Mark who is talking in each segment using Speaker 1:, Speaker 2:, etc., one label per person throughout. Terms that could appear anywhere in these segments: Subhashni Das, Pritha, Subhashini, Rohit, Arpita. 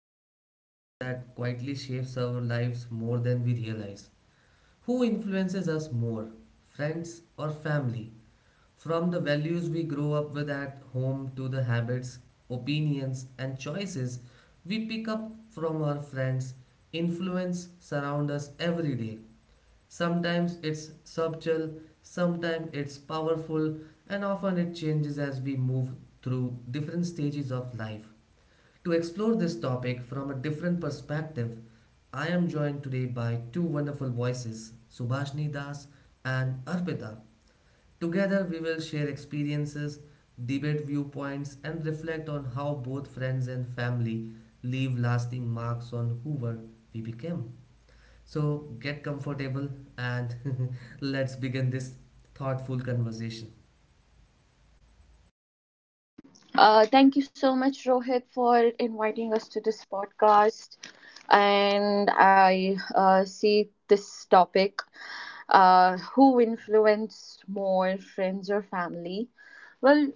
Speaker 1: into a question that quietly shapes our lives more than we realize. Who influences us more, friends or family? From the values we grow up with at home to the habits, opinions, and choices we pick up from our friends, influence surround us every day. Sometimes it's subtle, sometimes it's powerful, and often it changes as we move through different stages of life. To explore this topic from a different perspective, I am joined today by two wonderful voices, Subhashni Das and Arpita. Together, we will share experiences, debate viewpoints, and reflect on how both friends and family leave lasting marks on whoever we became. So get comfortable and let's begin this thoughtful conversation.
Speaker 2: Thank you so much, Rohit, for inviting us to this podcast. And I see this topic, who influence more, friends or family? Well,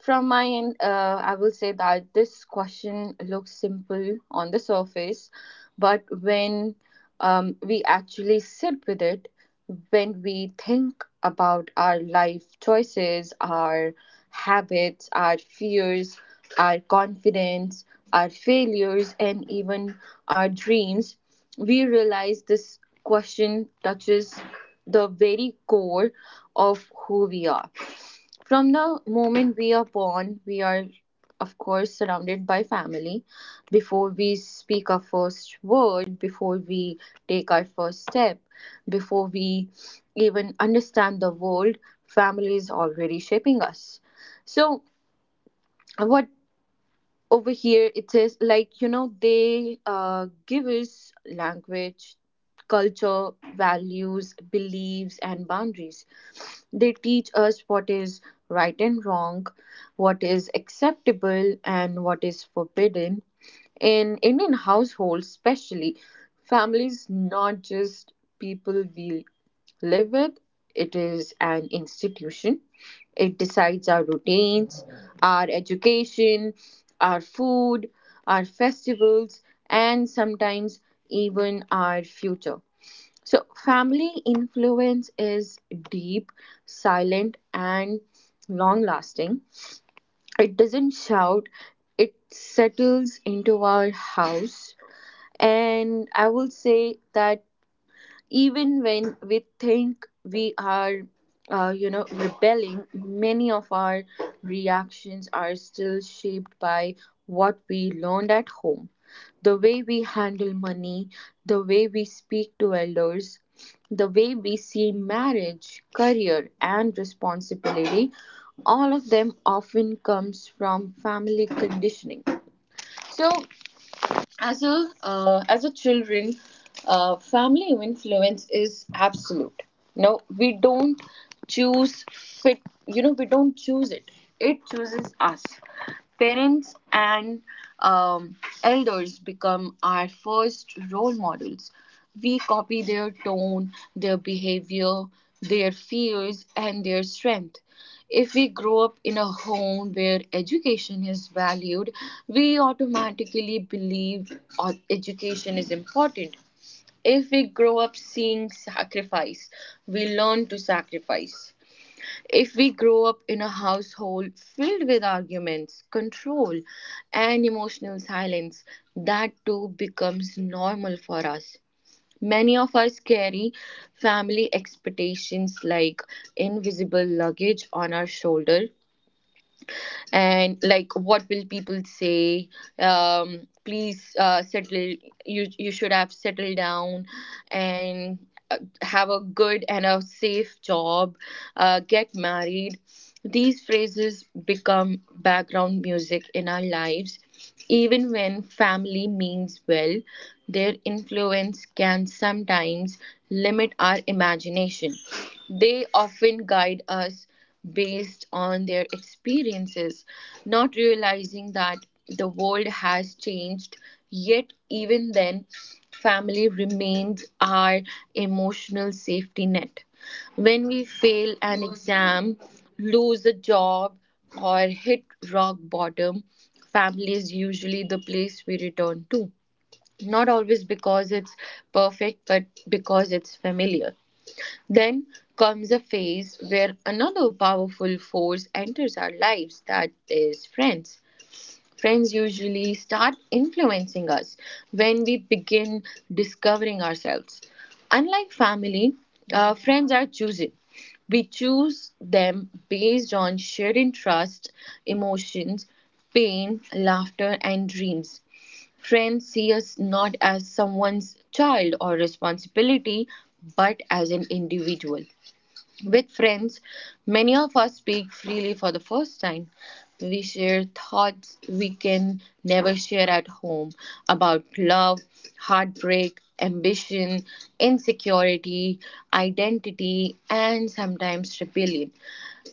Speaker 2: from my end, I will say that this question looks simple on the surface, but when we actually sit with it, when we think about our life choices, our habits, our fears, our confidence, our failures, and even our dreams, we realize this question touches the very core of who we are. From the moment we are born, we are, of course, surrounded by family. Before we speak our first word, before we take our first step, before we even understand the world, family is already shaping us. So, what over here it is like, you know, they give us language, culture, values, beliefs, and boundaries. They teach us what is right and wrong, what is acceptable and what is forbidden. In Indian households especially, families not just people we live with. It is an institution. It decides our routines, our education, our food, our festivals, and sometimes even our future. So, family influence is deep, silent, and long lasting. It doesn't shout, it settles into our house. And I will say that even when we think we are you know, rebelling, many of our reactions are still shaped by what we learned at home: the way we handle money, the way we speak to elders, the way we see marriage, career, and responsibility. All of them often comes from family conditioning. So, as a children, family influence is absolute. No, we don't choose fit, you know, we don't choose it, it chooses us. Parents and um, elders become our first role models. We copy their tone, their behavior, their fears, and their strength. If we grow up in a home where education is valued, we automatically believe education is important. If we grow up seeing sacrifice, we learn to sacrifice. If we grow up in a household filled with arguments, control, and emotional silence, that too becomes normal for us. Many of us carry family expectations like invisible luggage on our shoulder, and like, what will people say, um, please, settle, you should have settled down, and have a good and a safe job, get married. These phrases become background music in our lives. Even when family means well, their influence can sometimes limit our imagination. They often guide us based on their experiences, not realizing that the world has changed. Yet, even then, family remains our emotional safety net. When we fail an exam, lose a job, or hit rock bottom, family is usually the place we return to. Not always because it's perfect, but because it's familiar. Then comes a phase where another powerful force enters our lives, that is friends. Friends usually start influencing us when we begin discovering ourselves. Unlike family, friends are choosing. We choose them based on shared interest, emotions, pain, laughter, and dreams. Friends see us not as someone's child or responsibility, but as an individual. With friends, many of us speak freely for the first time. We share thoughts we can never share at home, about love, heartbreak, ambition, insecurity, identity, and sometimes rebellion.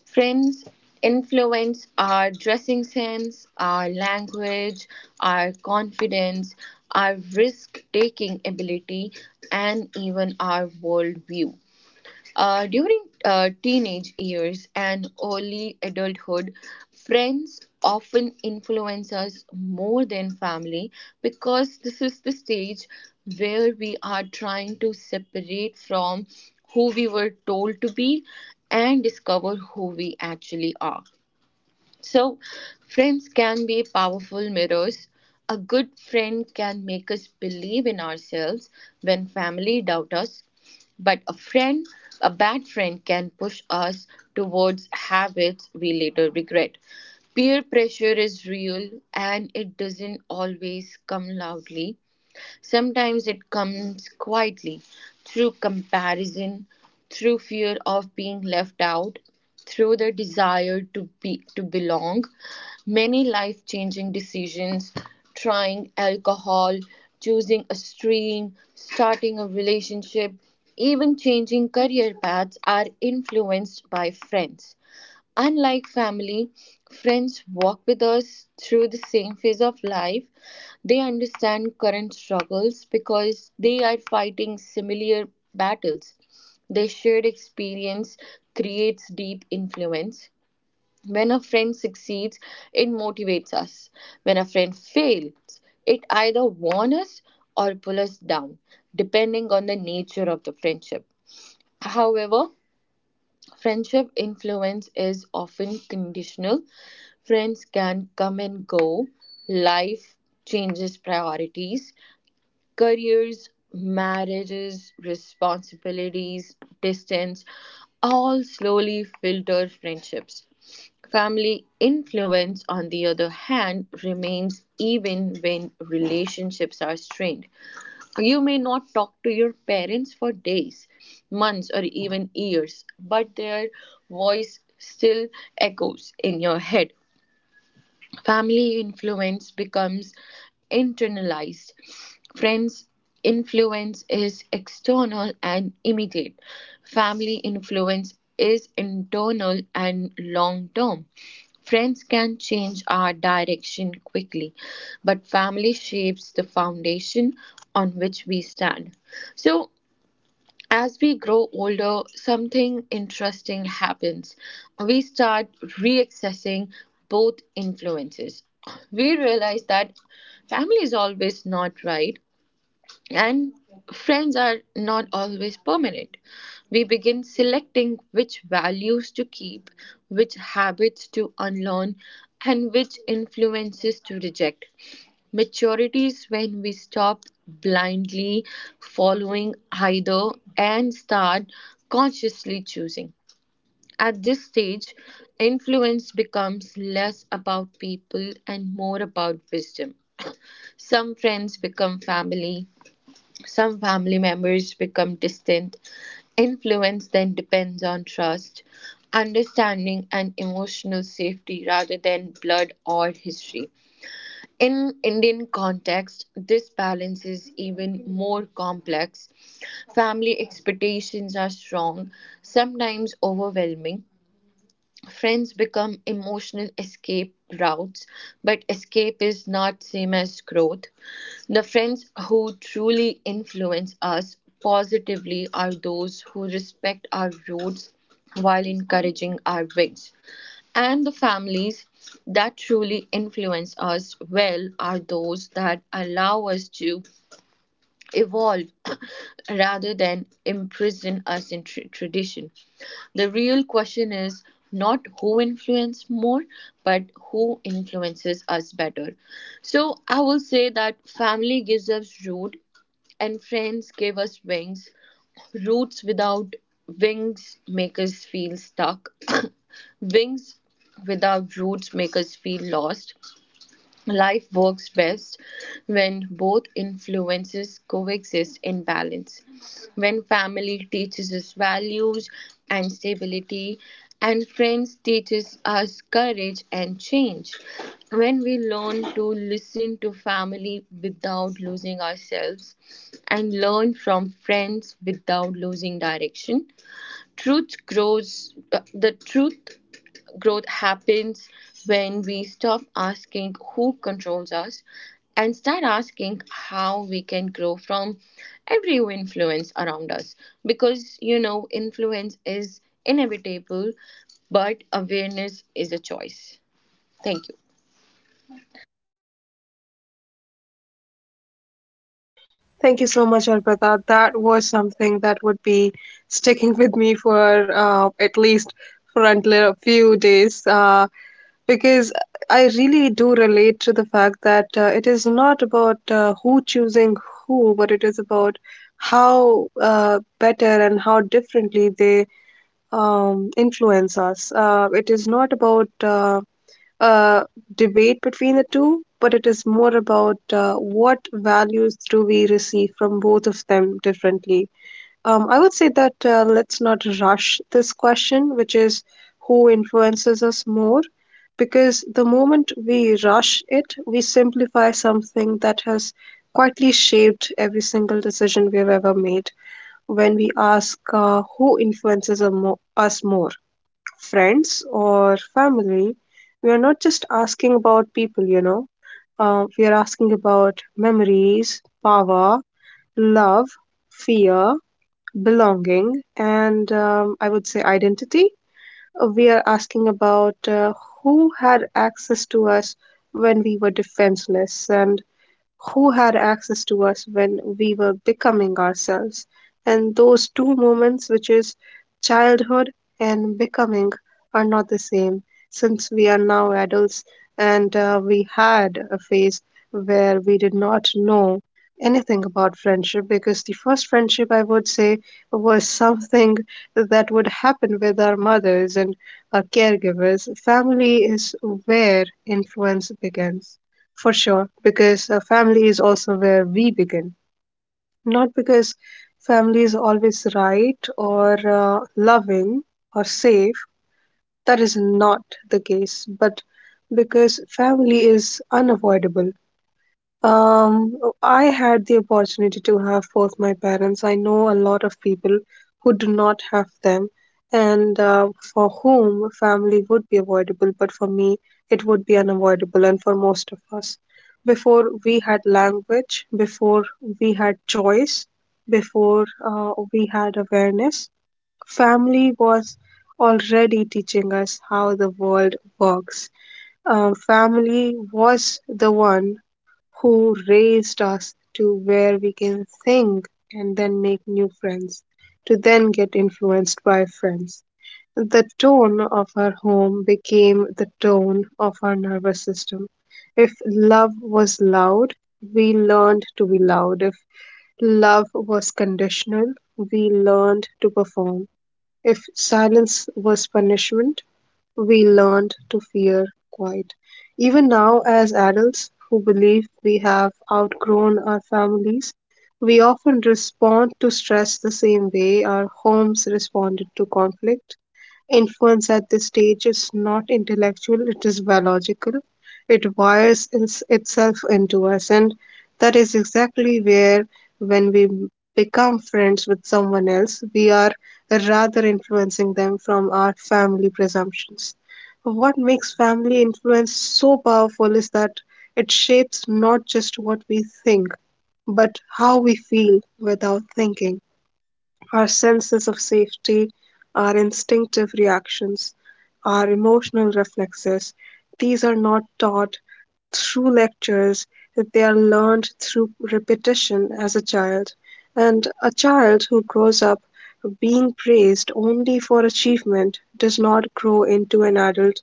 Speaker 2: Friends influence our dressing sense, our language, our confidence, our risk taking ability, and even our worldview. During teenage years and early adulthood, friends often influence us more than family, because this is the stage where we are trying to separate from who we were told to be and discover who we actually are. So, friends can be powerful mirrors. A good friend can make us believe in ourselves when family doubt us, but a bad friend can push us towards habits we later regret. Peer pressure is real, and it doesn't always come loudly. Sometimes it comes quietly, through comparison, through fear of being left out, through the desire to belong. Many life-changing decisions, trying alcohol, choosing a stream, starting a relationship, even changing career paths, are influenced by friends. Unlike family, friends walk with us through the same phase of life. They understand current struggles because they are fighting similar battles. Their shared experience creates deep influence. When a friend succeeds, it motivates us. When a friend fails, it either warns us or pulls us down, depending on the nature of the friendship. However, friendship influence is often conditional. Friends can come and go. Life changes priorities. Careers, marriages, responsibilities, distance, all slowly filter friendships. Family influence, on the other hand, remains even when relationships are strained. You may not talk to your parents for days, months, or even years, but their voice still echoes in your head. Family influence becomes internalized. Friends' influence is external and immediate. Family influence is internal and long term. Friends can change our direction quickly, but family shapes the foundation on which we stand. So, as we grow older, something interesting happens. We start re accessing both influences. We realize that family is always not right, and friends are not always permanent. We begin selecting which values to keep, which habits to unlearn, and which influences to reject. Maturity is when we stop blindly following either and start consciously choosing. At this stage, influence becomes less about people and more about wisdom. Some friends become family, some family members become distant. Influence then depends on trust, understanding, and emotional safety rather than blood or history. In Indian context, this balance is even more complex. Family expectations are strong, sometimes overwhelming. Friends become emotional escape routes, but escape is not same as growth. The friends who truly influence us positively are those who respect our roots while encouraging our wings, and the families that truly influence us well are those that allow us to evolve rather than imprison us in tradition. The real question is not who influences more, but who influences us better. So I will say that family gives us root and friends give us wings. Roots without wings make us feel stuck. Wings without roots make us feel lost. Life works best when both influences coexist in balance. When family teaches us values and stability, and friends teaches us courage and change. When we learn to listen to family without losing ourselves and learn from friends without losing direction, the truth growth happens when we stop asking who controls us and start asking how we can grow from every influence around us. Because, you know, influence is inevitable, but awareness is a choice. Thank you.
Speaker 3: Thank you so much, Arpita. That was something that would be sticking with me for at least for until a few days, because I really do relate to the fact that it is not about who choosing who, but it is about how better and how differently they influencers. It is not about a debate between the two, but it is more about what values do we receive from both of them differently. I would say that let's not rush this question, which is who influences us more, because the moment we rush it, we simplify something that has quietly shaped every single decision we've ever made. When we ask who influences us more, friends or family, we are not just asking about people, we are asking about memories, power, love, fear, belonging, and I would say identity. We are asking about who had access to us when we were defenseless and who had access to us when we were becoming ourselves, and those two moments, which is childhood and becoming, are not the same. Since we are now adults, and we had a phase where we did not know anything about friendship, because the first friendship, I would say, was something that would happen with our mothers and our caregivers. Family is where influence begins, for sure, because family is also where we begin. Not because family is always right or loving or safe, that is not the case, but because family is unavoidable. Um, I had the opportunity to have both my parents. I know a lot of people who do not have them, and for whom family would be avoidable, but for me, it would be unavoidable, and for most of us. Before we had language, before we had choice, before we had awareness, family was already teaching us how the world works. Family was the one who raised us to where we can think and then make new friends, to then get influenced by friends. The tone of our home became the tone of our nervous system. If love was loud, we learned to be loud. If love was conditional, we learned to perform. If silence was punishment, we learned to fear quiet. Even now, as adults who believe we have outgrown our families, we often respond to stress the same way our homes responded to conflict. Influence at this stage is not intellectual, it is biological. It wires itself into us, and that is exactly where when we become friends with someone else, we are rather influencing them from our family presumptions. What makes family influence so powerful is that it shapes not just what we think, but how we feel without thinking. Our senses of safety, our instinctive reactions, our emotional reflexes, these are not taught through lectures, they are learned through repetition as a child. And a child who grows up being praised only for achievement does not grow into an adult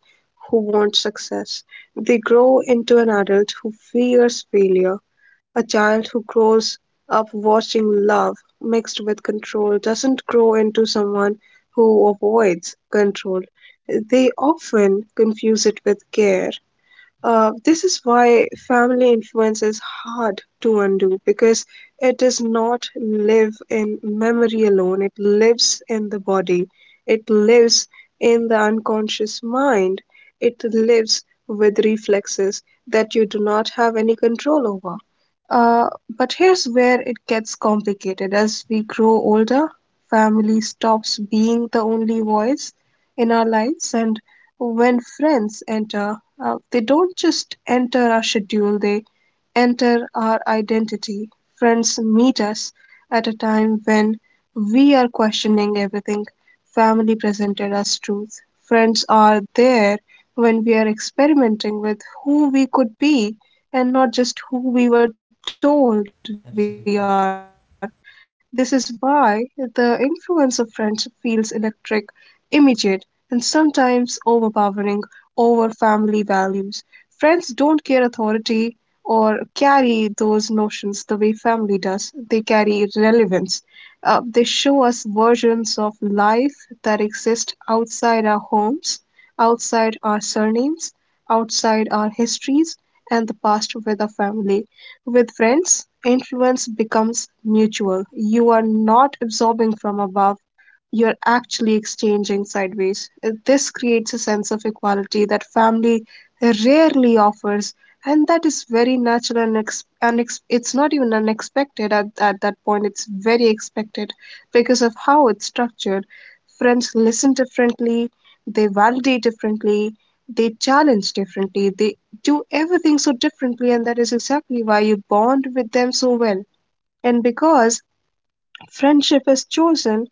Speaker 3: who wants success. They grow into an adult who fears failure. A child who grows of watching love mixed with control doesn't grow into someone who avoids control. They often confuse it with care. This is why family influence is hard to undo, because it does not live in memory alone. It lives in the body, it lives in the unconscious mind, it lives with reflexes that you do not have any control over. But here's where it gets complicated. As we grow older, family stops being the only voice in our lives, and when friends enter, they don't just enter our schedule, they enter our identity. Friends meet us at a time when we are questioning everything family presented as truth. Friends are there when we are experimenting with who we could be and not just who we were told we are. This is
Speaker 1: Absolutely.
Speaker 3: why the influence of friends feels electric, immediate, and sometimes overpowering over family values. Friends don't care authority or carry those notions the way family does, they carry relevance. They show us versions of life that exist outside our homes, outside our surnames, outside our histories, and the past with our family. With friends, influence becomes mutual. You are not absorbing from above, you're actually exchanging sideways. This creates a sense of equality that family rarely offers, and that is very natural and it's not even unexpected at that point. It's very expected because of how it's structured. Friends listen differently, they validate differently, they challenge differently, they do everything so differently, and that is exactly why you bond with them so well. And because friendship is chosen,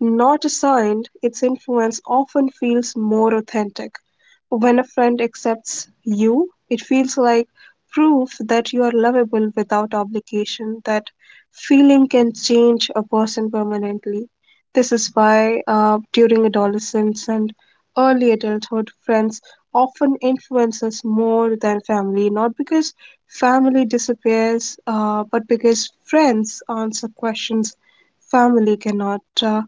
Speaker 3: not assigned; its influence often feels more authentic. When a friend accepts you, it feels like proof that you are lovable without obligation. That feeling can change a person permanently. This is why, during adolescence and early adulthood, friends often influence us more than family, not because family disappears, but because friends answer questions family cannot.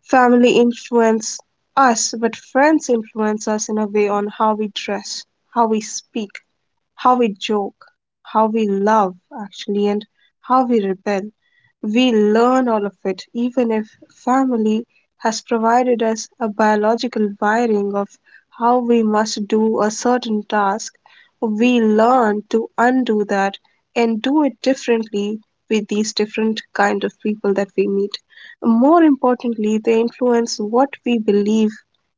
Speaker 3: Family influence us, but friends influence us in a way on how we dress, how we speak, how we joke, how we love, actually, and how we rebel. We learn all of it, even if family has provided us a biological wiring of how we must do a certain task. We learn to undo that and do it differently with these different kind of people that we meet. More importantly, they influence what we believe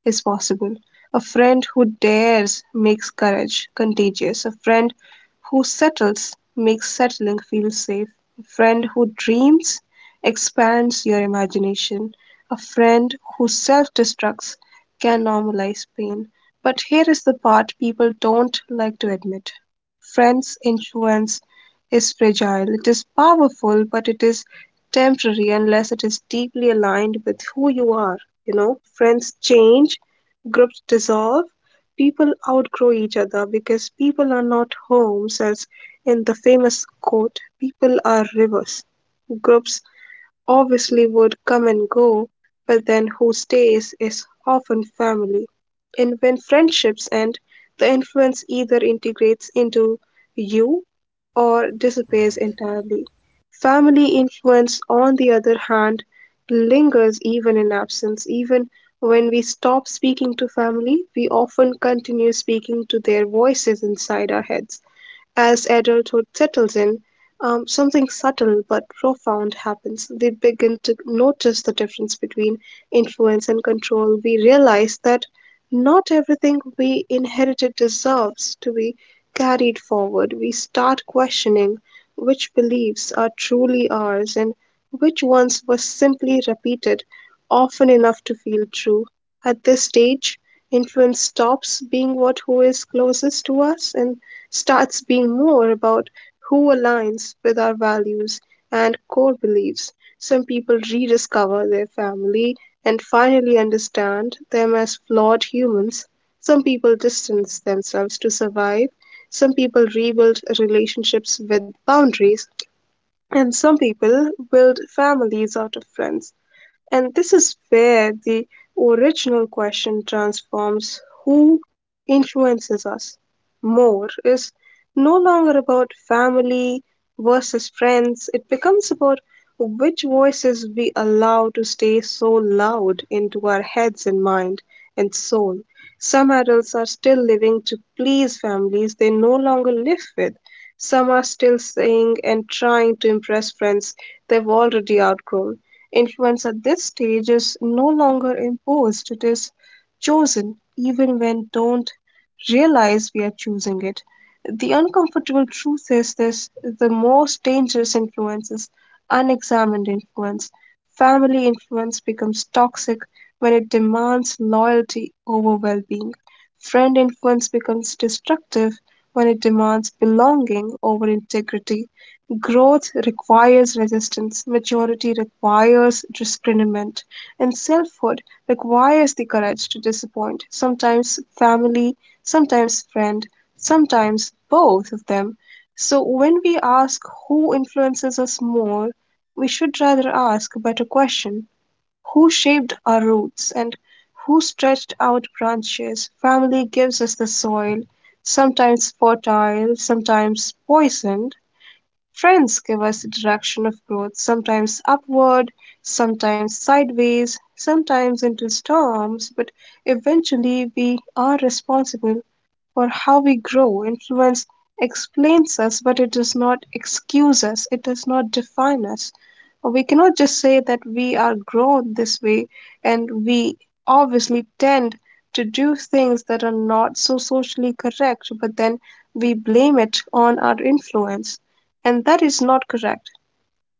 Speaker 3: is possible. A friend who dares makes courage contagious. A friend who settles makes settling feel safe. A friend who dreams expands your imagination. A friend who self destructs can normalize pain. But here is the part people don't like to admit: friends' influence is fragile. It is powerful, but it is temporary unless it is deeply aligned with who you are. You know, friends change, groups dissolve, people outgrow each other, because people are not homes, as in the famous quote, people are rivers. Groups obviously would come and go, but then who stays is often family. And when friendships end, the influence either integrates into you or disappears
Speaker 1: Right.
Speaker 3: entirely. Family influence, on the other hand, lingers even in absence. Even when we stop speaking to family, we often continue speaking to their voices inside our heads. As adulthood settles in, something subtle but profound happens. We begin to notice the difference between influence and control. We realize that not everything we inherited deserves to be carried forward. We start questioning which beliefs are truly ours and which ones were simply repeated often enough to feel true. At this stage, influence stops being what who is closest to us and starts being more about who aligns with our values and core beliefs. Some people rediscover their family and finally understand them as flawed humans. Some people distance themselves to survive. Some people rebuild relationships with boundaries. And some people build families out of friends. And this is where the original question transforms: who influences us more is no longer about family versus friends. It becomes about which voices we allow to stay so loud into our heads and mind and soul. Some adults are still living to please families they no longer live with, some are still saying and trying to impress friends they've already outgrown. Influence at this stage is no longer imposed, it is chosen, even when don't realize we are choosing it. The uncomfortable truth is this: the most dangerous influence is unexamined influence. Family influence becomes toxic when it demands loyalty over well being. Friend influence becomes destructive when it demands belonging over integrity. Growth requires resistance, maturity requires discernment, and selfhood requires the courage to disappoint sometimes family, sometimes friend, sometimes both of them. So, when we ask who influences us more, we should rather ask a better question: who shaped our roots and who stretched out branches? Family gives us the soil, sometimes fertile, sometimes poisoned. Trends give us the direction of growth, sometimes upward, sometimes sideways, sometimes into storms, but eventually we are responsible for how we grow. Influence explains us, but it does not excuse us, it does not define us. We cannot just say that we are grown this way, and we obviously tend to do things that are not so socially correct, but then we blame it on our influence, and that is not correct.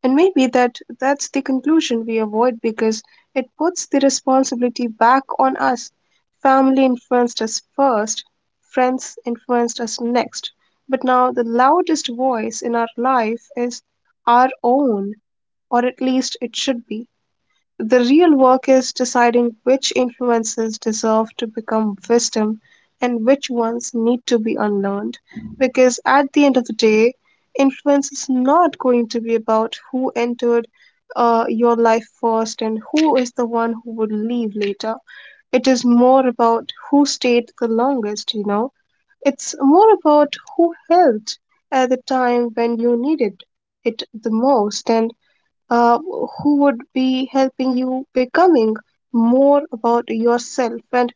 Speaker 3: And maybe that's the conclusion we avoid because it puts the responsibility back on us. Family influenced us first, friends influenced us next, but now the loudest voice in our life is our own, or at least it should be. The real work is deciding which influences deserve to become wisdom and which ones need to be unlearned, because at the end of the day, influence is not going to be about who entered your life first and who is the one who would leave later. It is more about who stayed the longest. You know. It's more about who helped at the time when you needed it the most. And uh, who would be helping you becoming more about yourself, and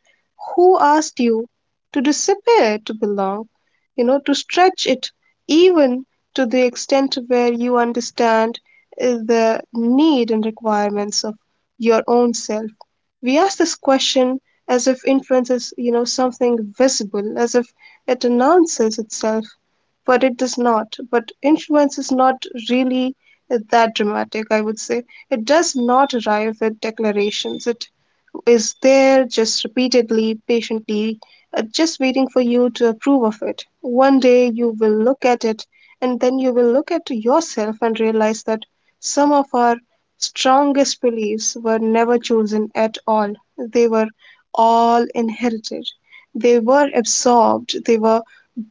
Speaker 3: who asked you to disappear to belong, you know, to stretch it even to the extent where you understand uh, the need and requirements of your own self. We ask this question as if influence is you know, something visible, as if it announces itself, but it does not. But influence is not really that dramatic, I would say. It does not arrive with declarations. It is there just repeatedly, patiently, just waiting for you to approve of it. One day you will look at it, and then you will look at yourself and realize that some of our strongest beliefs were never chosen at all. They were all inherited. They were absorbed, they were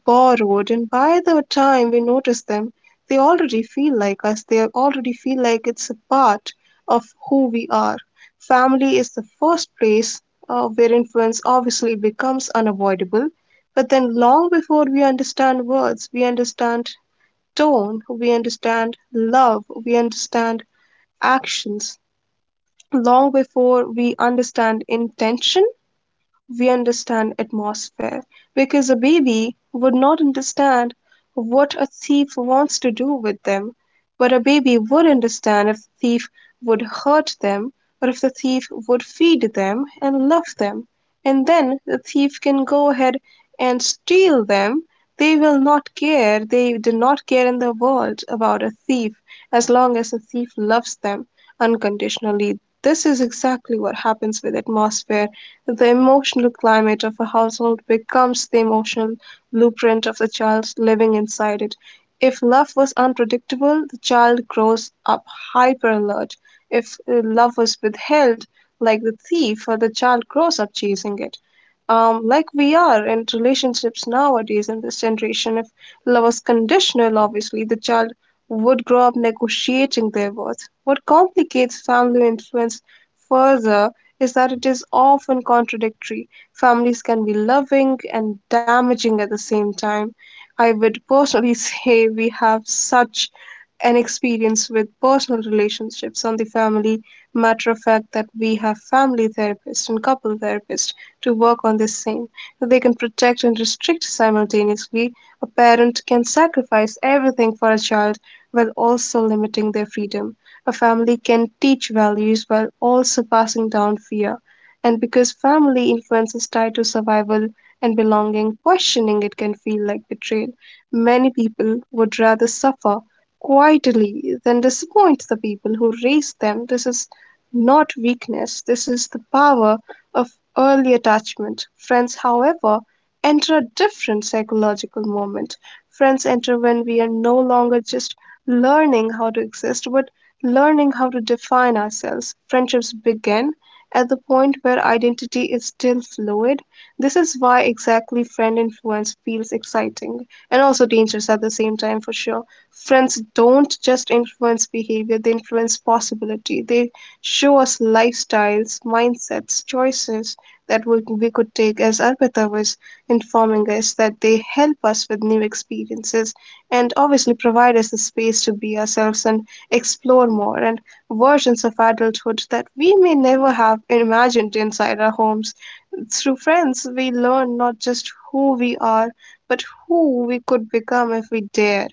Speaker 3: borrowed, and by the time we notice them, they already feel like us. They already feel like it's a part of who we are. Family is the first place where influence obviously becomes unavoidable. But then, long before we understand words, we understand tone, we understand love, we understand actions. Long before we understand intention, we understand atmosphere, because a baby would not understand what a thief wants to do with them, but a baby would understand if the thief would hurt them, or if the thief would feed them and love them. And then the thief can go ahead and steal them. They will not care, they do not care in the world about a thief, as long as the thief loves them unconditionally. This is exactly what happens with atmosphere. The emotional climate of a household becomes the emotional blueprint of the child living inside it. If love was unpredictable, the child grows up hyper alert. If love was withheld, like the thief, or the child grows up chasing it. Like we are in relationships nowadays in this generation, if love was conditional, obviously the child would grow up negotiating their worth. What complicates family influence further is that it is often contradictory. Families can be loving and damaging at the same time. I would personally say we have such an experience with personal relationships on the family matter of fact that we have family therapists and couple therapists to work on this same. They can protect and restrict simultaneously. A parent can sacrifice everything for a child while also limiting their freedom. A family can teach values while also passing down fear. And because family influence is tied to survival and belonging, questioning it can feel like betrayal. Many people would rather suffer quietly than disappoint the people who raised them. This is not weakness, this is the power of early attachment. Friends, however, enter a different psychological moment. Friends enter when we are no longer just learning how to exist, but learning how to define ourselves. Friendships begin at the point where identity is still fluid. This is why exactly friend influence feels exciting and also dangerous at the same time, for sure. Friends don't just influence behavior, they influence possibility. They show us lifestyles, mindsets, choices that we could take. As Arpita was informing us, that they help us with new experiences, and obviously provide us the space to be ourselves and explore more, and versions of adulthood that we may never have imagined inside our homes. Through friends, we learn not just who we are, but who we could become if we dare.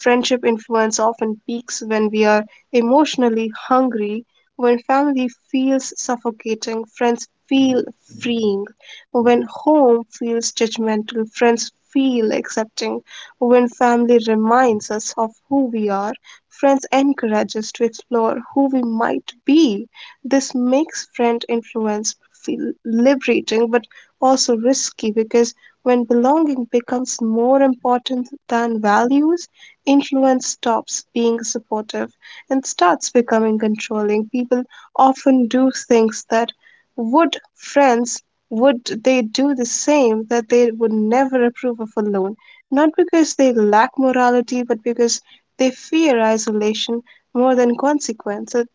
Speaker 3: Friendship influence often peaks when we are emotionally hungry. When family feels suffocating, friends feel freeing. When home feels judgmental, friends feel accepting. When family reminds us of who we are, friends encourage us to explore who we might be. This makes friend influence feel liberating but also risky, because when belonging becomes more important than values, influence stops being supportive and starts becoming controlling. People often do things that would friends would they do the same that they would never approve of alone, not because they lack morality, but because they fear isolation more than consequence. As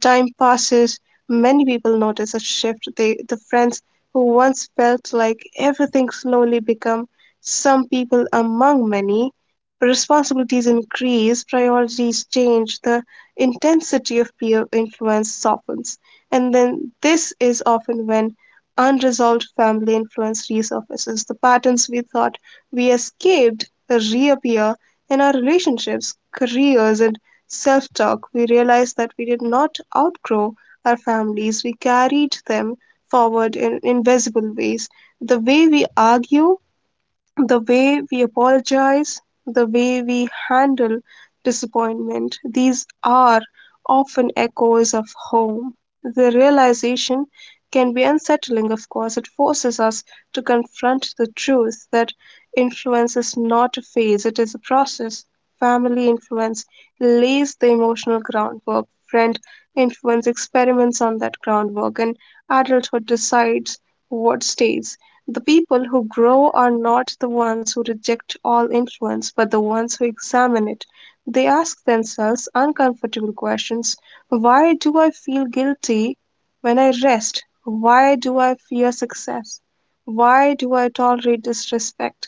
Speaker 3: time passes, many people notice a shift. They, the friends who once felt like everything, slowly become some people among many. Responsibilities increase, priorities change, the intensity of peer influence softens. And then this is often when unresolved family influence resurfaces. The patterns we thought we escaped reappear in our relationships, careers, and self talk. We realized that we did not outgrow our families, we carried them forward in invisible ways. The way we argue, the way we apologize, the way we handle disappointment, these are often echoes of home. The realization can be unsettling, of course. It forces us to confront the truth that influence is not a phase, it is a process. Family influence lays the emotional groundwork, friend influence experiments on that groundwork, and adulthood decides what stays. The people who grow are not the ones who reject all influence, but the ones who examine it. They ask themselves uncomfortable questions. Why do I feel guilty when I rest? Why do I fear success? Why do I tolerate disrespect?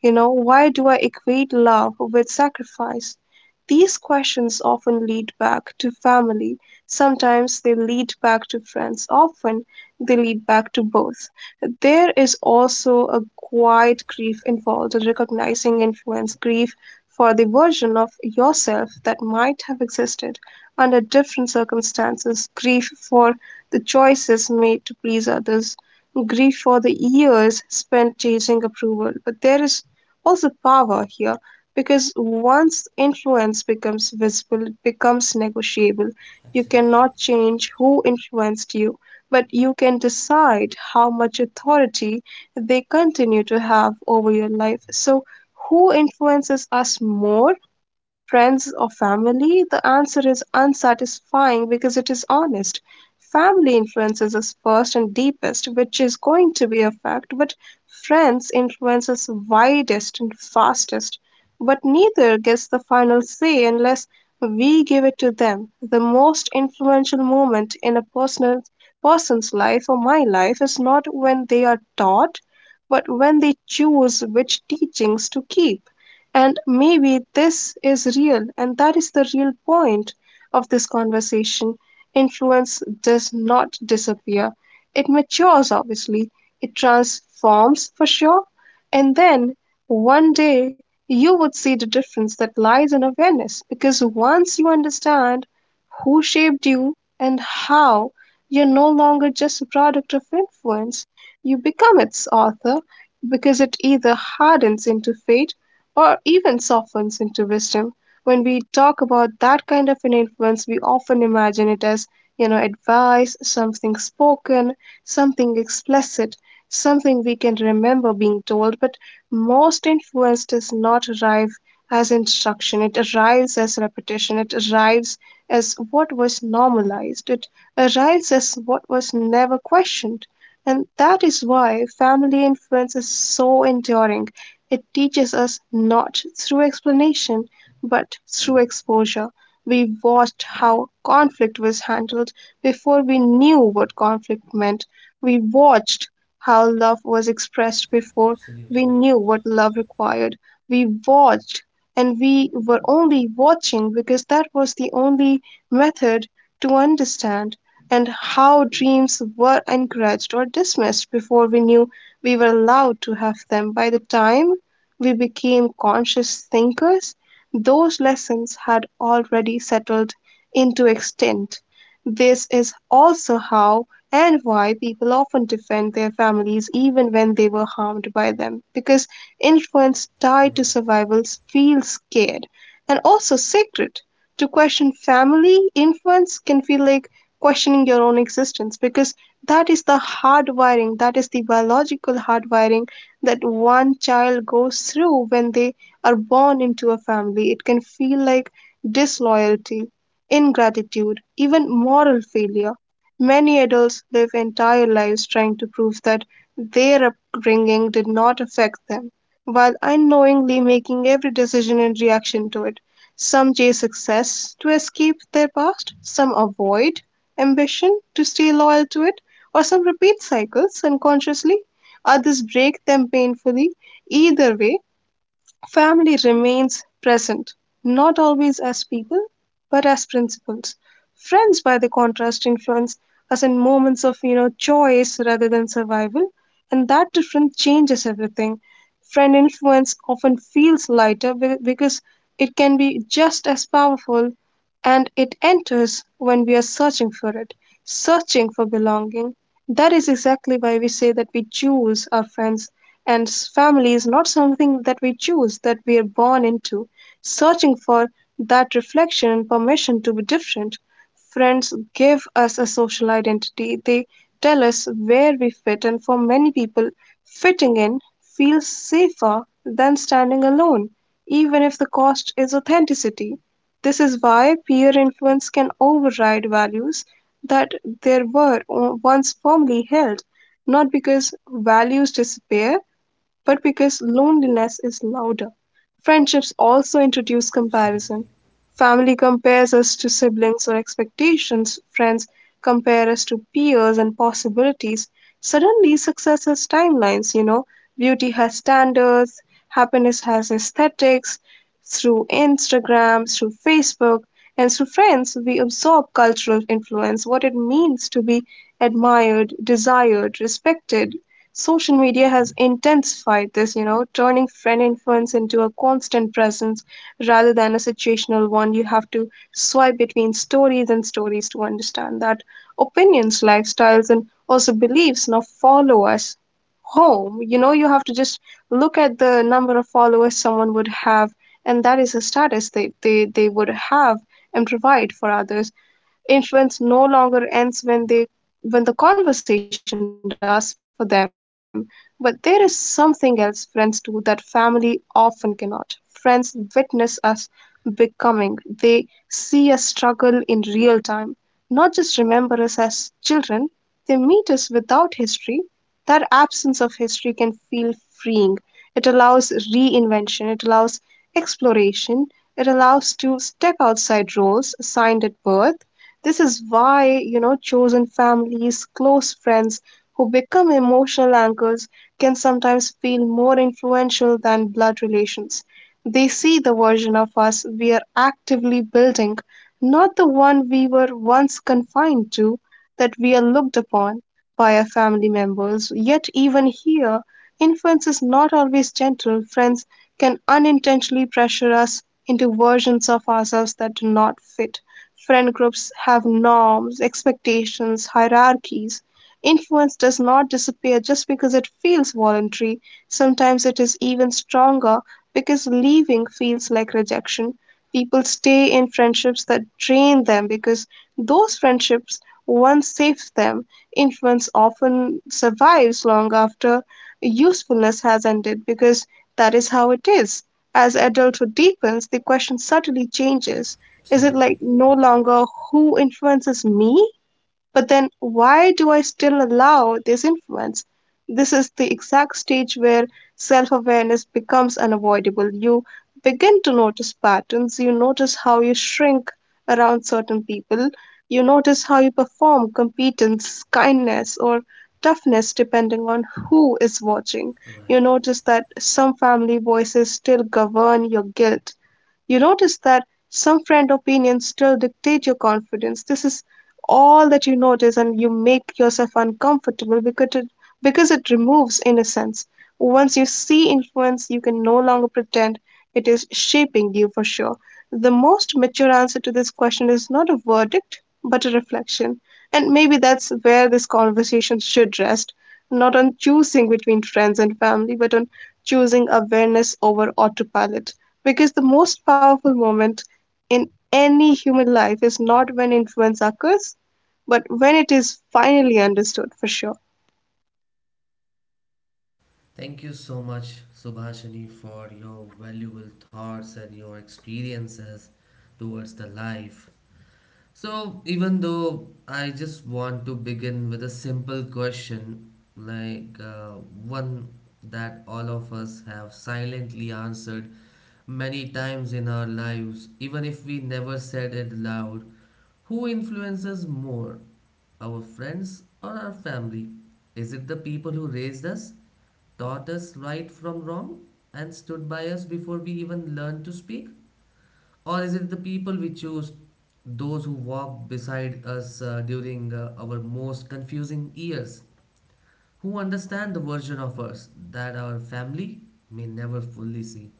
Speaker 3: You know, why do I equate love with sacrifice? These questions often lead back to family, sometimes they lead back to friends, often they lead back to both. There is also a quiet grief involved in recognizing influence, grief for the version of yourself that might have existed under different circumstances, grief for the choices made to please others, grief for the years spent chasing approval. But there is also power here, because once influence becomes visible, it becomes negotiable. You
Speaker 1: Absolutely.
Speaker 3: cannot change who influenced you, but you can decide how much authority they continue to have over your life. So, who influences us more, friends or family? The answer is unsatisfying because it is honest. Family influences us first and deepest, which is going to be a fact, but friends influence us widest and fastest. But neither gets the final say unless we give it to them. The most influential moment in a personal person's life or my life is not when they are taught, but when they choose which teachings to keep. And maybe this is real, and that is the real point of this conversation. Influence does not disappear, it matures, obviously, it transforms for sure. And then one day you would see the difference that lies in awareness, because once you understand who shaped you and how, you're no longer just a product of influence. You become its author, because it either hardens into fate or even softens into wisdom. When we talk about that kind of an influence, we often imagine it as you know, advice, something spoken, something explicit, something we can remember being told, but most influence does not arrive as instruction. It arrives as repetition. It arrives as what was normalized. It arrives as what was never questioned. And that is why family influence is so enduring. It teaches us not through explanation but through exposure. We watched how conflict was handled before we knew what conflict meant. We watched how love was expressed before we
Speaker 1: Absolutely.
Speaker 3: knew what love required. We watched, and we were only watching because that was the only method to understand, and how dreams were encouraged or dismissed before we knew we were allowed to have them. By the time we became conscious thinkers, those lessons had already settled into extent. This is also how and why people often defend their families even when they were harmed by them, because influence tied to
Speaker 1: Right.
Speaker 3: survival feels scared and also sacred. To question family influence can feel like questioning your own existence, because that is the hardwiring, that is the biological hardwiring that one child goes through when they are born into a family. It can feel like disloyalty, ingratitude, even moral failure. Many adults live entire lives trying to prove that their upbringing did not affect them, while unknowingly making every decision in reaction to it. Some chase success to escape their past, some avoid ambition to stay loyal to it, or some repeat cycles unconsciously, others break them painfully. Either way, family remains present, not always as people, but as principles. Friends, by the contrast, influence us in moments of you know choice rather than survival, and that difference changes everything. Friend influence often feels lighter because it can be just as powerful, and it enters when we are searching for it, searching for belonging. That is exactly why we say that we choose our friends, and family is not something that we choose, that we are born into. Searching for that reflection and permission to be different. Friends give us a social identity, they tell us where we fit, and for many people, fitting in feels safer than standing alone, even if the cost is authenticity. This is why peer influence can override values that there were once firmly held, not because values disappear, but because loneliness is louder. Friendships also introduce comparison.
Speaker 1: Absolutely.
Speaker 3: Family compares us to siblings or expectations, friends compare us to peers and possibilities. Suddenly, success has timelines, beauty has standards, happiness has aesthetics. Through Instagram, through Facebook, and through friends, we absorb cultural influence, what it means to be admired, desired, respected. Social media has intensified this, turning friend influence into a constant presence rather than a situational one. You have to swipe between stories and stories to understand that opinions, lifestyles, and also beliefs now follow us home. You have to just look at the number of followers someone would have, and that is a status they would have and provide for others. Influence no longer ends when they when the conversation does for them, but there is something else friends do that family often cannot. Friends witness us becoming. They see us struggle in real time, not just remember us as children. They meet us without history. That absence of history can feel freeing. It allows reinvention, it allows exploration, it allows to step outside roles assigned at birth. This is why chosen families, close friends who become emotional anchors can sometimes feel more influential than blood relations. They see the version of us we are actively building, not the one we were once confined to, that we are looked upon by our family members. Yet, even here, influence is not always gentle. Friends can unintentionally pressure us into versions of ourselves that do not fit. Friend groups have norms, expectations, hierarchies. Influence does not disappear just because it feels voluntary. Sometimes it is even stronger because leaving feels like rejection. People stay in friendships that drain them because those friendships once saved them. Influence often survives long after usefulness has ended because that is how it is. As adulthood deepens, the question subtly changes. Is it like
Speaker 1: Absolutely.
Speaker 3: no longer who influences me, but then why do I still allow this influence? This is the exact stage where self awareness becomes unavoidable. You begin to notice patterns, you notice how you shrink around certain people, you notice how you perform competence, kindness, or toughness depending on who is watching. You
Speaker 1: Right.
Speaker 3: notice that some family voices still govern your guilt, you notice that some friend opinions still dictate your confidence. This is all that you notice, and you make yourself uncomfortable because it removes innocence. Once you see influence, you can no longer pretend it is shaping you for sure. The most mature answer to this question is not a verdict, but a reflection. And maybe that's where this conversation should rest, not on choosing between friends and family, but on choosing awareness over autopilot. Because the most powerful moment in any human life is not when influence occurs, but when it is finally understood for sure.
Speaker 1: Thank you so much, Subhashini, for your valuable thoughts and your experiences towards the life. So, even though I just want to begin with a simple question, like one that all of us have silently answered many times in our lives, even if we never said it loud, who influences more, our friends or our family? Is it the people who raised us, taught us right from wrong, and stood by us before we even learned to speak? Or is it the people we choose, those who walk beside us during our most confusing years, who understand the version of us that our family may never fully see?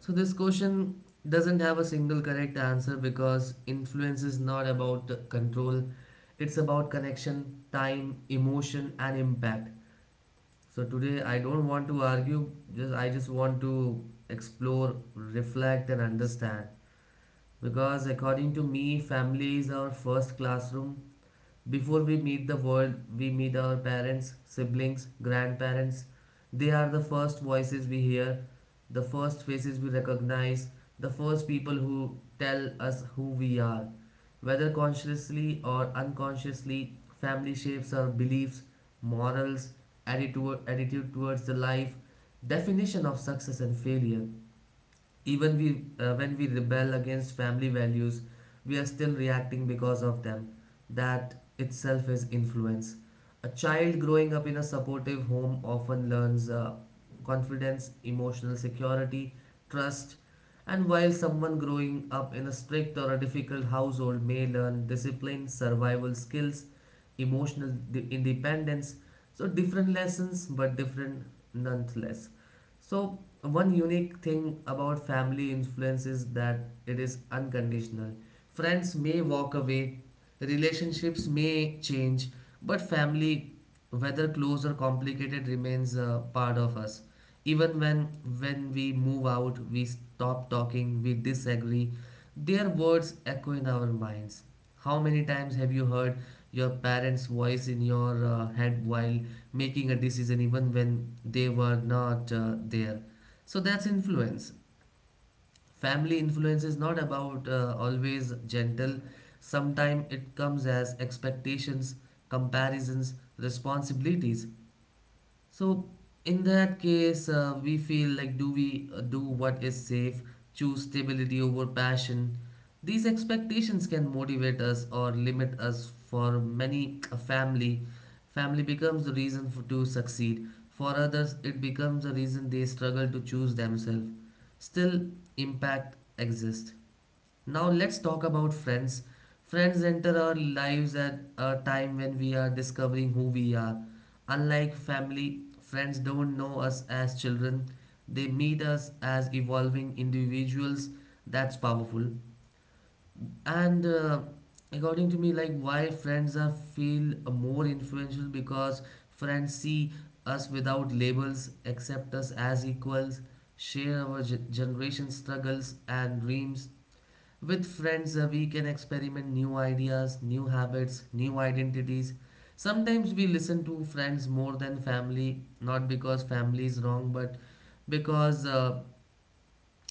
Speaker 1: So, this question doesn't have a single correct answer because influence is not about control, it's about connection, time, emotion, and impact. So, today I don't want to argue, just I just want to explore, reflect, and understand. Because according to me, family is our first classroom. Before we meet the world, we meet our parents, siblings, grandparents. They are the first voices we hear, the first faces we recognize, the first people who tell us who we are. Whether consciously or unconsciously, family shapes our beliefs, morals, attitude towards the life, definition of success and failure. Even we when we rebel against family values, we are still reacting because of them. That itself is influence. A child growing up in a supportive home often learns confidence, emotional security, trust, and while someone growing up in a strict or a difficult household may learn discipline, survival skills, emotional independence. So different lessons, but different nonetheless. So one unique thing about family influence is that it is unconditional. Friends may walk away, relationships may change, but family, whether close or complicated, remains a part of us. Even when we move out, we stop talking, we disagree. Their words echo in our minds. How many times have you heard your parents' voice in your head while making a decision, even when they were not there? So that's influence. Family influence is not about always gentle. Sometimes it comes as expectations, comparisons, responsibilities. So in that case, we feel like do we do what is safe, choose stability over passion. These expectations can motivate us or limit us. For many, a family becomes the reason for to succeed. For others, it becomes a reason they struggle to choose themselves. Still, impact exists. Now let's talk about friends. Friends enter our lives at a time when we are discovering who we are. Unlike family, friends don't know us as children. They meet us as evolving individuals. That's powerful. And according to me, like why friends are feel more influential because friends see us without labels, accept us as equals, share our generation struggles and dreams. With friends, we can experiment new ideas, new habits, new identities. Sometimes we listen to friends more than family, not because family is wrong, but because uh,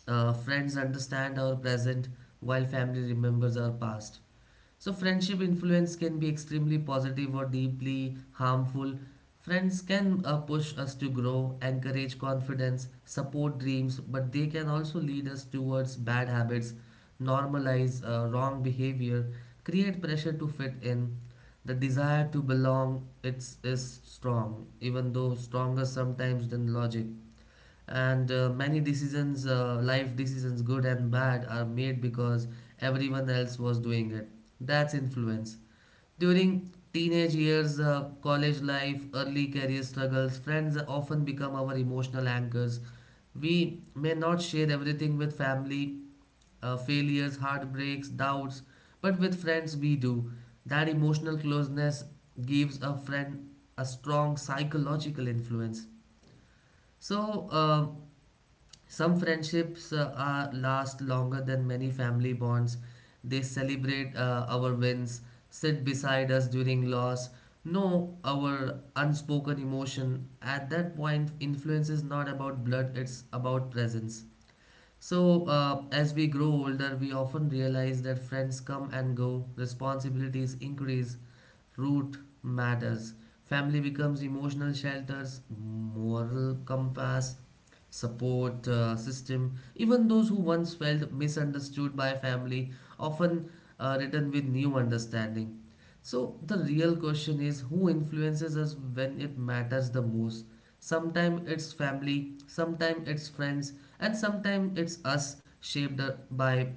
Speaker 1: uh, friends understand our present while family remembers our past. So, friendship influence can be extremely positive or deeply harmful. Friends can push us to grow, encourage confidence, support dreams, but they can also lead us towards bad habits, normalize wrong behavior, create pressure to fit in. The desire to belong is strong, even though stronger sometimes than logic, and many decisions, life decisions, good and bad, are made because everyone else was doing it. That's influence. During teenage years, college life, early career struggles, friends often become our emotional anchors. We may not share everything with family, failures, heartbreaks, doubts, but with friends we do. That emotional closeness gives a friend a strong psychological influence. So some friendships are last longer than many family bonds. They celebrate our wins, sit beside us during loss, know our unspoken emotion. At that point, influence is not about blood, it's about presence. So, as we grow older, we often realize that friends come and go, responsibilities increase, root matters. Family becomes emotional shelters, moral compass, support system. Even those who once felt misunderstood by family often return with new understanding. So, the real question is who influences us when it matters the most? Sometimes it's family, sometimes it's friends, and sometimes it's us shaped by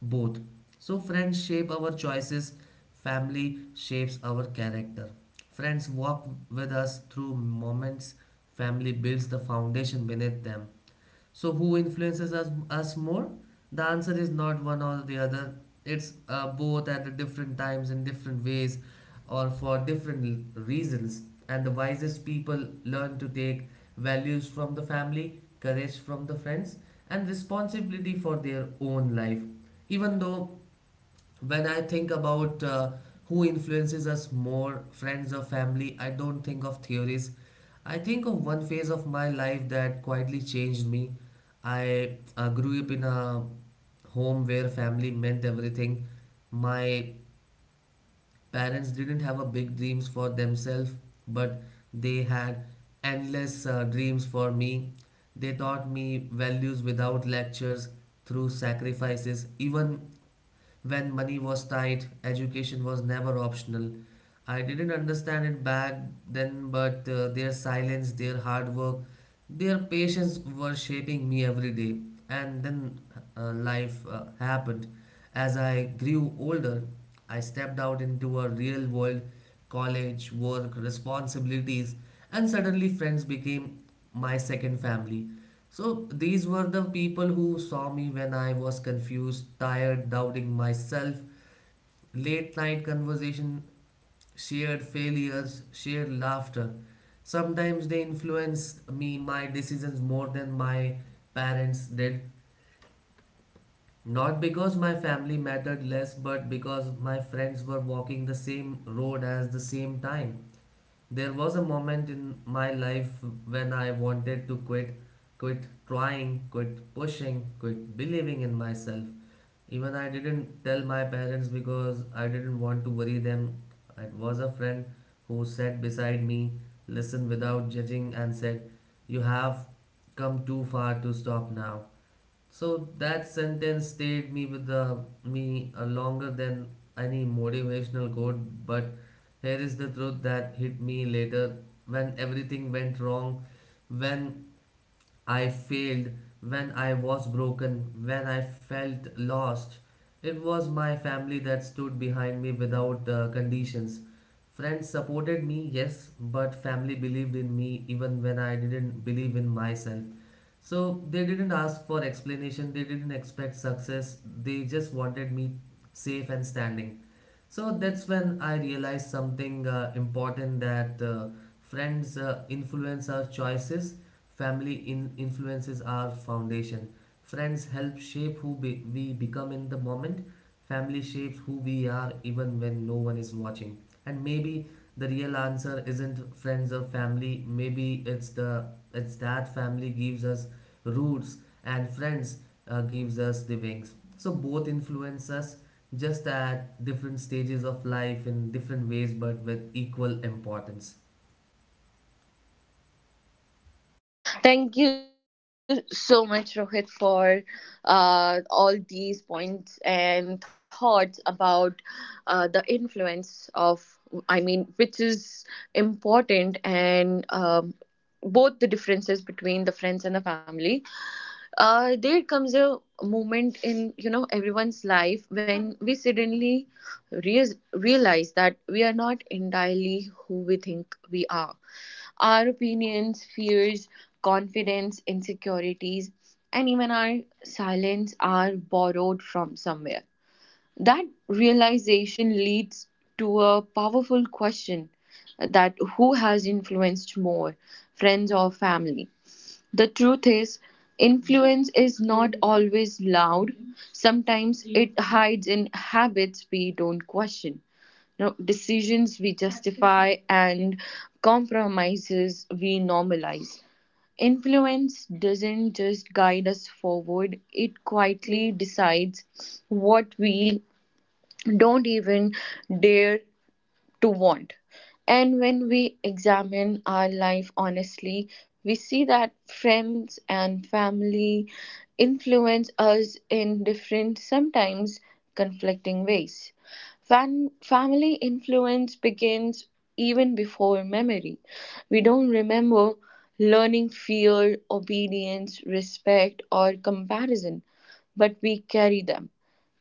Speaker 1: both. So, friends shape our choices, family shapes our character. Friends walk with us through moments. Family builds the foundation beneath them. So, who influences us more? The answer is not one or the other. It's both at the different times in different ways or for different reasons. And the wisest people learn to take values from the family, courage from the friends, and responsibility for their own life. Even though when I think about who influences us more, friends or family, I don't think of theories. I think of one phase of my life that quietly changed me. I grew up in a home where family meant everything. My parents didn't have a big dreams for themselves, but they had endless dreams for me. They taught me values without lectures, through sacrifices. Even when money was tight, education was never optional. I didn't understand it back then, but their silence, their hard work, their patience were shaping me every day. And then life happened. As I grew older, I stepped out into a real world: college, work, responsibilities, and suddenly friends became my second family. So these were the people who saw me when I was confused, tired, doubting myself, late night conversation, shared failures, shared laughter. Sometimes they influenced me, my decisions more than my parents did. Not because my family mattered less, but because my friends were walking the same road as the same time. There was a moment in my life when I wanted to quit, quit trying, quit pushing, quit believing in myself. Even I didn't tell my parents because I didn't want to worry them. It was a friend who sat beside me, listened without judging, and said, "You have come too far to stop now." So that sentence stayed me with the me longer than any motivational quote. But here is the truth that hit me later: when everything went wrong, when I failed, when I was broken, when I felt lost. It was my family that stood behind me without conditions. Friends supported me, yes, but family believed in me even when I didn't believe in myself. So they didn't ask for explanation, they didn't expect success, they just wanted me safe and standing. So that's when I realized something important that friends influence our choices, family influences our foundation. Friends help shape who we become in the moment, family shapes who we are even when no one is watching. And maybe the real answer isn't friends or family, maybe it's that family gives us roots and friends gives us the wings. So both influence us just at different stages of life in different ways but with equal importance.
Speaker 2: Thank you so much, Rohit, for all these points and thoughts about the influence of, I mean, which is important, and both the differences between the friends and the family. There comes a moment in, you know, everyone's life when we suddenly reas realize that we are not entirely who we think we are. Our opinions, fears, confidence, insecurities, and even our silence are borrowed from somewhere. That realization leads to a powerful question, that who has influenced more, friends or family? The truth is, influence is not always loud. Sometimes it hides in habits we don't question. No, decisions we justify and compromises we normalize. Influence doesn't just guide us forward, it quietly decides what we don't even dare to want. And when we examine our life honestly, we see that friends and family influence us in different, sometimes conflicting ways. Family influence begins even before memory. We don't remember learning fear, obedience, respect, or comparison, but we carry them.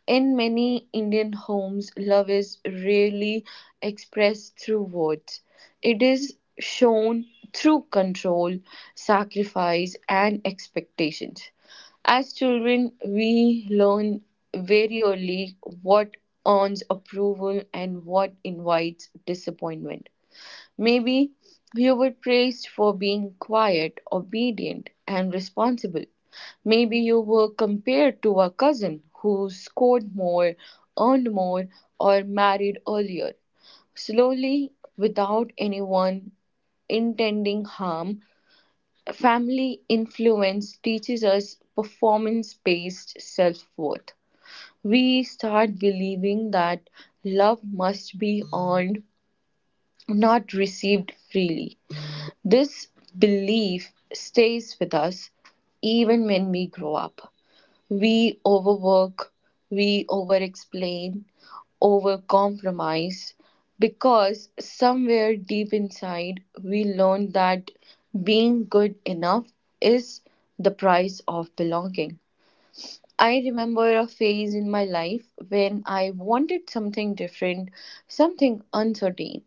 Speaker 2: In many Indian homes, love is rarely expressed through words. It is shown through control, sacrifice, and expectations. As children, we learn very early what earns approval and what invites disappointment. Maybe you were praised for being quiet, obedient, and responsible. Maybe you were compared to a cousin who scored more, earned more, or married earlier. Slowly, without anyone intending harm, family influence teaches us performance based self worth. We start believing that love must be earned, not received freely. This belief stays with us even when we grow up. We overwork, we overexplain, overcompromise, because somewhere deep inside we learn that being good enough is the price of belonging. I remember a phase in my life when I wanted something different, something uncertain.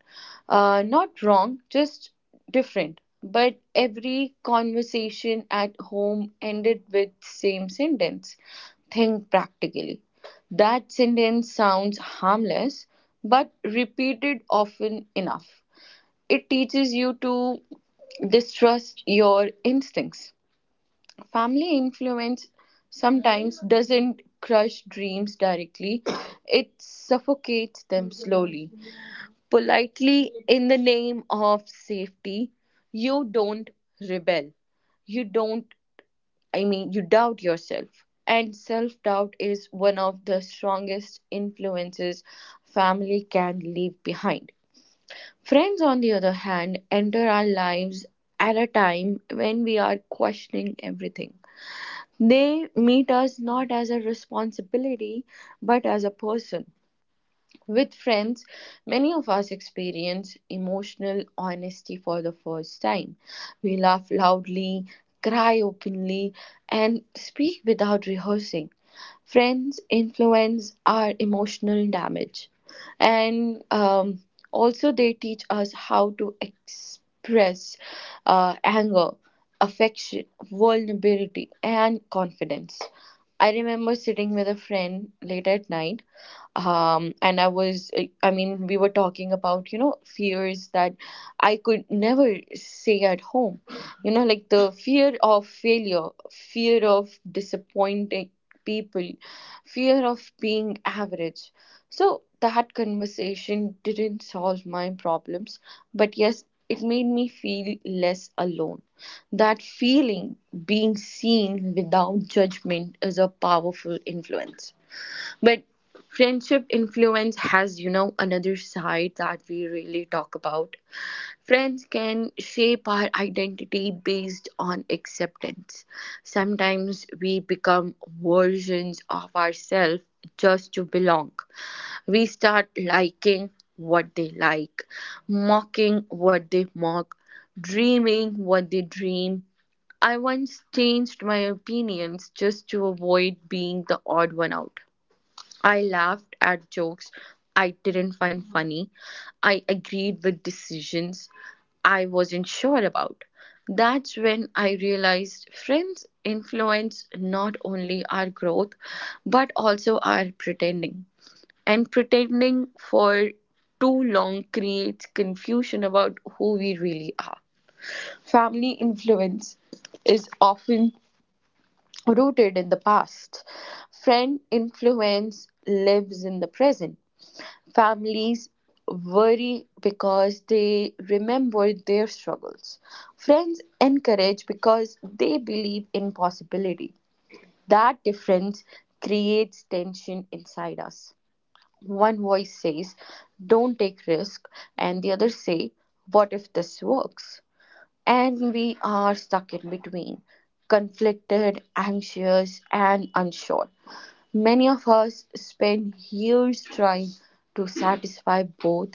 Speaker 2: Not wrong, just different. But every conversation at home ended with same sentence. Think practically. That sentence sounds harmless, but repeated often enough. It teaches you to distrust your instincts. Family influence sometimes doesn't crush dreams directly, it suffocates them slowly. Politely, in the name of safety, you don't rebel. You don't, I mean, you doubt yourself. And self doubt is one of the strongest influences family can leave behind. Friends, on the other hand, enter our lives at a time when we are questioning everything. They meet us not as a responsibility, but as a person. With friends, many of us experience emotional honesty for the first time. We laugh loudly, cry openly, and speak without rehearsing. Friends influence our emotional damage, and also they teach us how to express anger, affection, vulnerability, and confidence. I remember sitting with a friend late at night. Um and i was uh, i mean we were talking about fears that I could never say at home, like the fear of failure, fear of disappointing people, fear of being average. So that conversation didn't solve my problems, but yes, it made me feel less alone. That feeling, being seen without judgment, is a powerful influence. But friendship influence has, another side that we really talk about. Friends can shape our identity based on acceptance. Sometimes we become versions of ourselves just to belong. We start liking what they like, mocking what they mock, dreaming what they dream. I once changed my opinions just to avoid being the odd one out. I laughed at jokes I didn't find funny. I agreed with decisions I wasn't sure about. That's when I realized friends influence not only our growth but also our pretending. And pretending for too long creates confusion about who we really are. Family influence is often rooted in the past. Friend influence lives in the present. Families worry because they remember their struggles. Friends encourage because they believe in possibility. That difference creates tension inside us. One voice says, don't take risk, and the other say, what if this works? And we are stuck in between, conflicted, anxious, and unsure. Many of us spend years trying to satisfy both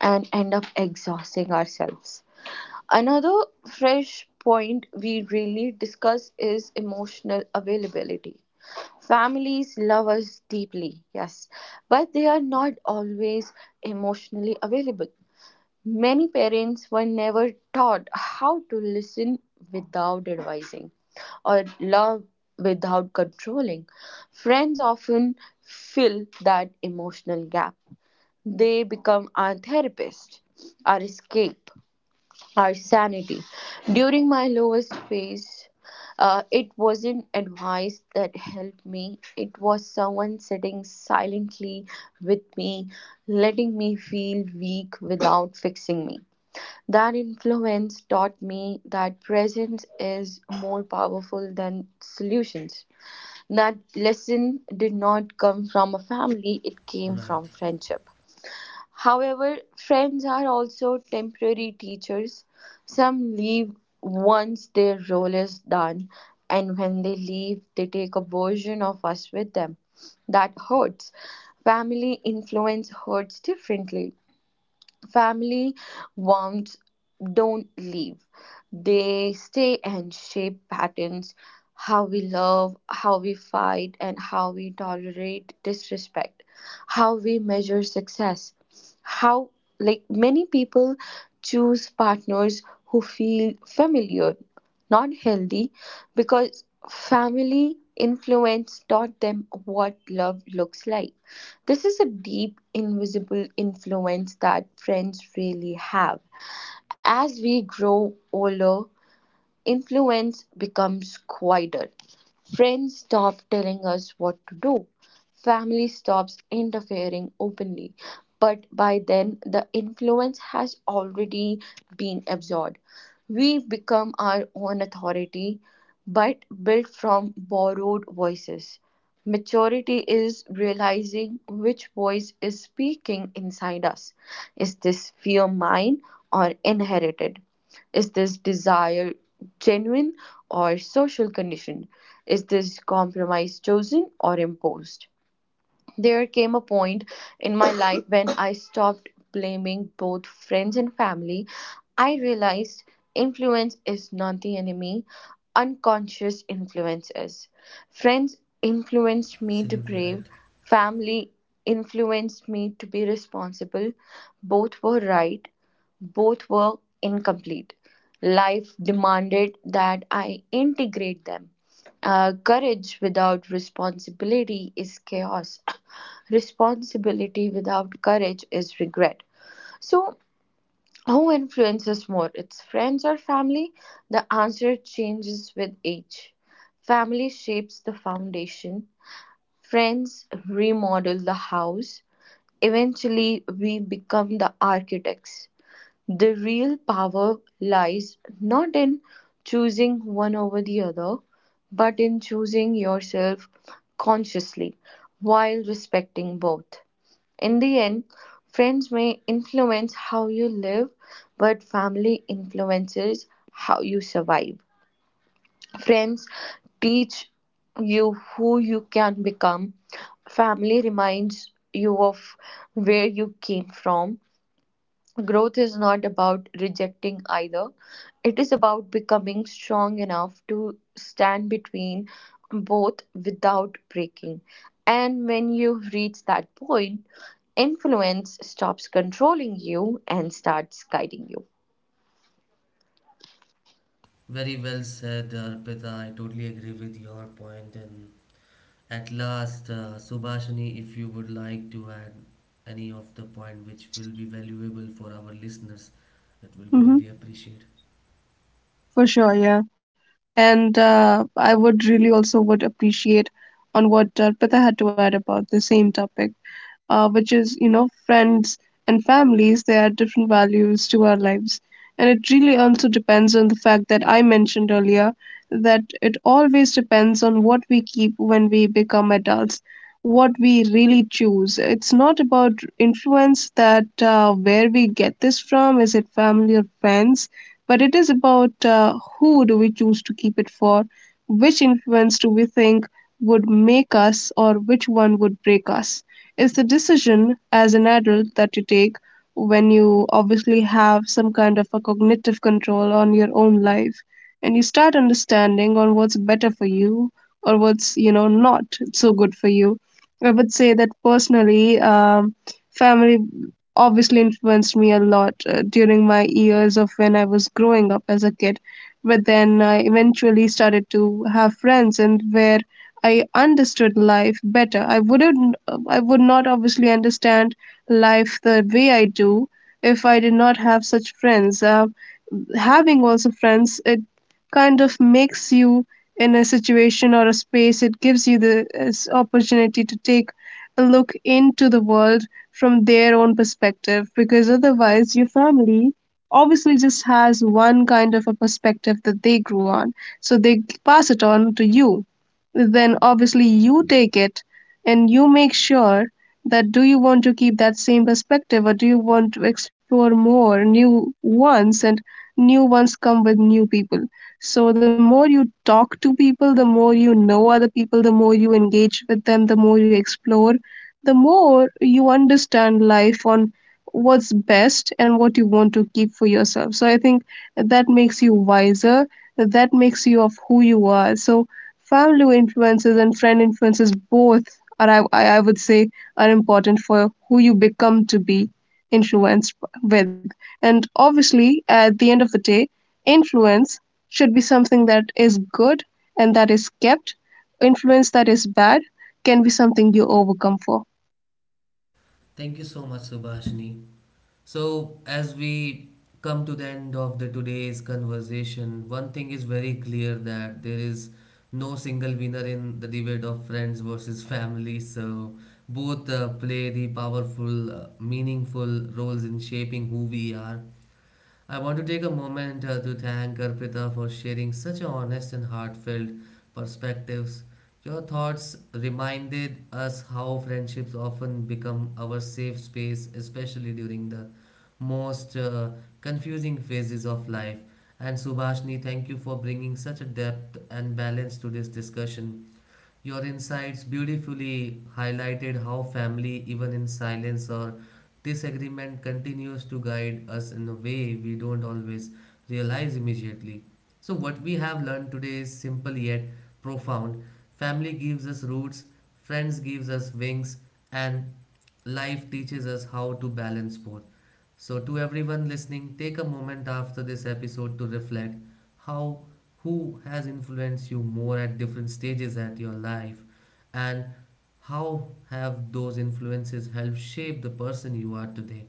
Speaker 2: and end up exhausting ourselves. Another fresh point we really discuss is emotional availability. Families love us deeply, yes, but they are not always emotionally available. Many parents were never taught how to listen without advising, or love without controlling. Friends often fill that emotional gap. They become our therapist, our escape, our sanity. During my lowest phase, it wasn't advice that helped me, it was someone sitting silently with me, letting me feel weak without fixing me. That influence taught me that presence is more powerful than solutions. That lesson did not come from a family, it came
Speaker 1: Right.
Speaker 2: from friendship. However, friends are also temporary teachers. Some leave once their role is done, and when they leave, they take a version of us with them. That hurts. Family influence hurts differently. Family warmth don't leave. They stay and shape patterns, how we love, how we fight, and how we tolerate disrespect, how we measure success, how, like, many people choose partners who feel familiar, not healthy, because family influence taught them what love looks like. This is a deep, invisible influence that friends really have. As we grow older, influence becomes quieter. Friends stop telling us what to do. Family stops interfering openly. But by then, the influence has already been absorbed. We become our own authority, but built from borrowed voices. Maturity is realizing which voice is speaking inside us. Is this fear mine or inherited? Is this desire genuine or social conditioned? Is this compromise chosen or imposed? There came a point in my life when I stopped blaming both friends and family. I realized influence is not the enemy, unconscious influence is. Friends influenced me to
Speaker 1: Absolutely
Speaker 2: brave,
Speaker 1: right.
Speaker 2: family influenced me to be responsible. Both were right, both were incomplete. Life demanded that I integrate them. Courage without responsibility is chaos. Responsibility without courage is regret. So, who influences more? It's friends or family? The answer changes with age. Family shapes the foundation, friends remodel the house. Eventually, we become the architects. The real power lies not in choosing one over the other, but in choosing yourself consciously while respecting both. In the end, friends may influence how you live, but family influences how you survive. Friends teach you who you can become, family reminds you of where you came from. Growth is not about rejecting either, it is about becoming strong enough to stand between both without breaking. And when you reach that point, influence stops controlling you and starts guiding you.
Speaker 1: Very well said, Arpita. I totally agree with your point. And at last, Subhashini, if you would like to add any of the point which will be valuable for our listeners, it will be really appreciated.
Speaker 3: For sure, yeah. And I would really also would appreciate on what Pritha had to add about the same topic, which is, you know, friends and families, they add different values to our lives. And it really also depends on the fact that I mentioned earlier, that it always depends on what we keep when we become adults, what we really choose. It's not about influence that where we get this from, is it family or friends? But it is about who do we choose to keep it for, which influence do we think would make us, or which one would break us. It's the decision as an adult that you take when you obviously have some kind of a cognitive control on your own life, and you start understanding on what's better for you or what's, you know, not so good for you. I would say that personally, family obviously influenced me a lot during my years of when I was growing up as a kid. But then I eventually started to have friends, and where I understood life better. I would not obviously understand life the way I do if I did not have such friends. Having also friends, it kind of makes you in a situation or a space, it gives you the opportunity to take look into the world from their own perspective, because otherwise your family obviously just has one kind of a perspective that they grew on, so they pass it on to you. Then obviously you take it and you make sure that do you want to keep that same perspective, or do you want to explore more new ones, and new ones come with new people. So the more you talk to people, the more you know other people, the more you engage with them, the more you explore, the more you understand life on what's best and what you want to keep for yourself. So I think that makes you wiser, that makes you of who you are. So family influences and friend influences both are, I would say, are important for who you become to be influenced with. And obviously, at the end of the day, influence should be something that is good and that is kept. Influence that is bad can be something you overcome for.
Speaker 1: Thank you so much, Subhashini. So, as we come to the end of the today's conversation, one thing is very clear that there is no single winner in the debate of friends versus family. So, both play the powerful, meaningful roles in shaping who we are. I want to take a moment to thank Arpita for sharing such honest and heartfelt perspectives. Your thoughts reminded us how friendships often become our safe space, especially during the most confusing phases of life. And Subhashni, thank you for bringing such a depth and balance to this discussion. Your insights beautifully highlighted how family, even in silence or disagreement, continues to guide us in a way we don't always realize immediately. So, what we have learned today is simple yet profound. Family gives us roots, friends gives us wings, and life teaches us how to balance both. So, to everyone listening, take a moment after this episode to reflect how who has influenced you more at different stages at your life, and how have those influences helped shape the person you are today.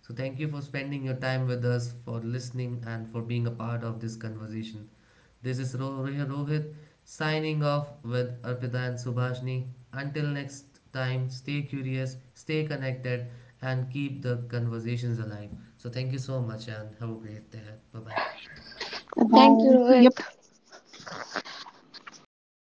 Speaker 1: So thank you for spending your time with us, for listening, and for being a part of this conversation. This is Rohit, signing off with Arpita and Subhashni. Until next time, stay curious, stay connected, and keep the conversations alive. So thank you so much and have a great day. Bye bye.
Speaker 2: Thank you,
Speaker 3: Bye.
Speaker 2: Rohit.
Speaker 3: Yep.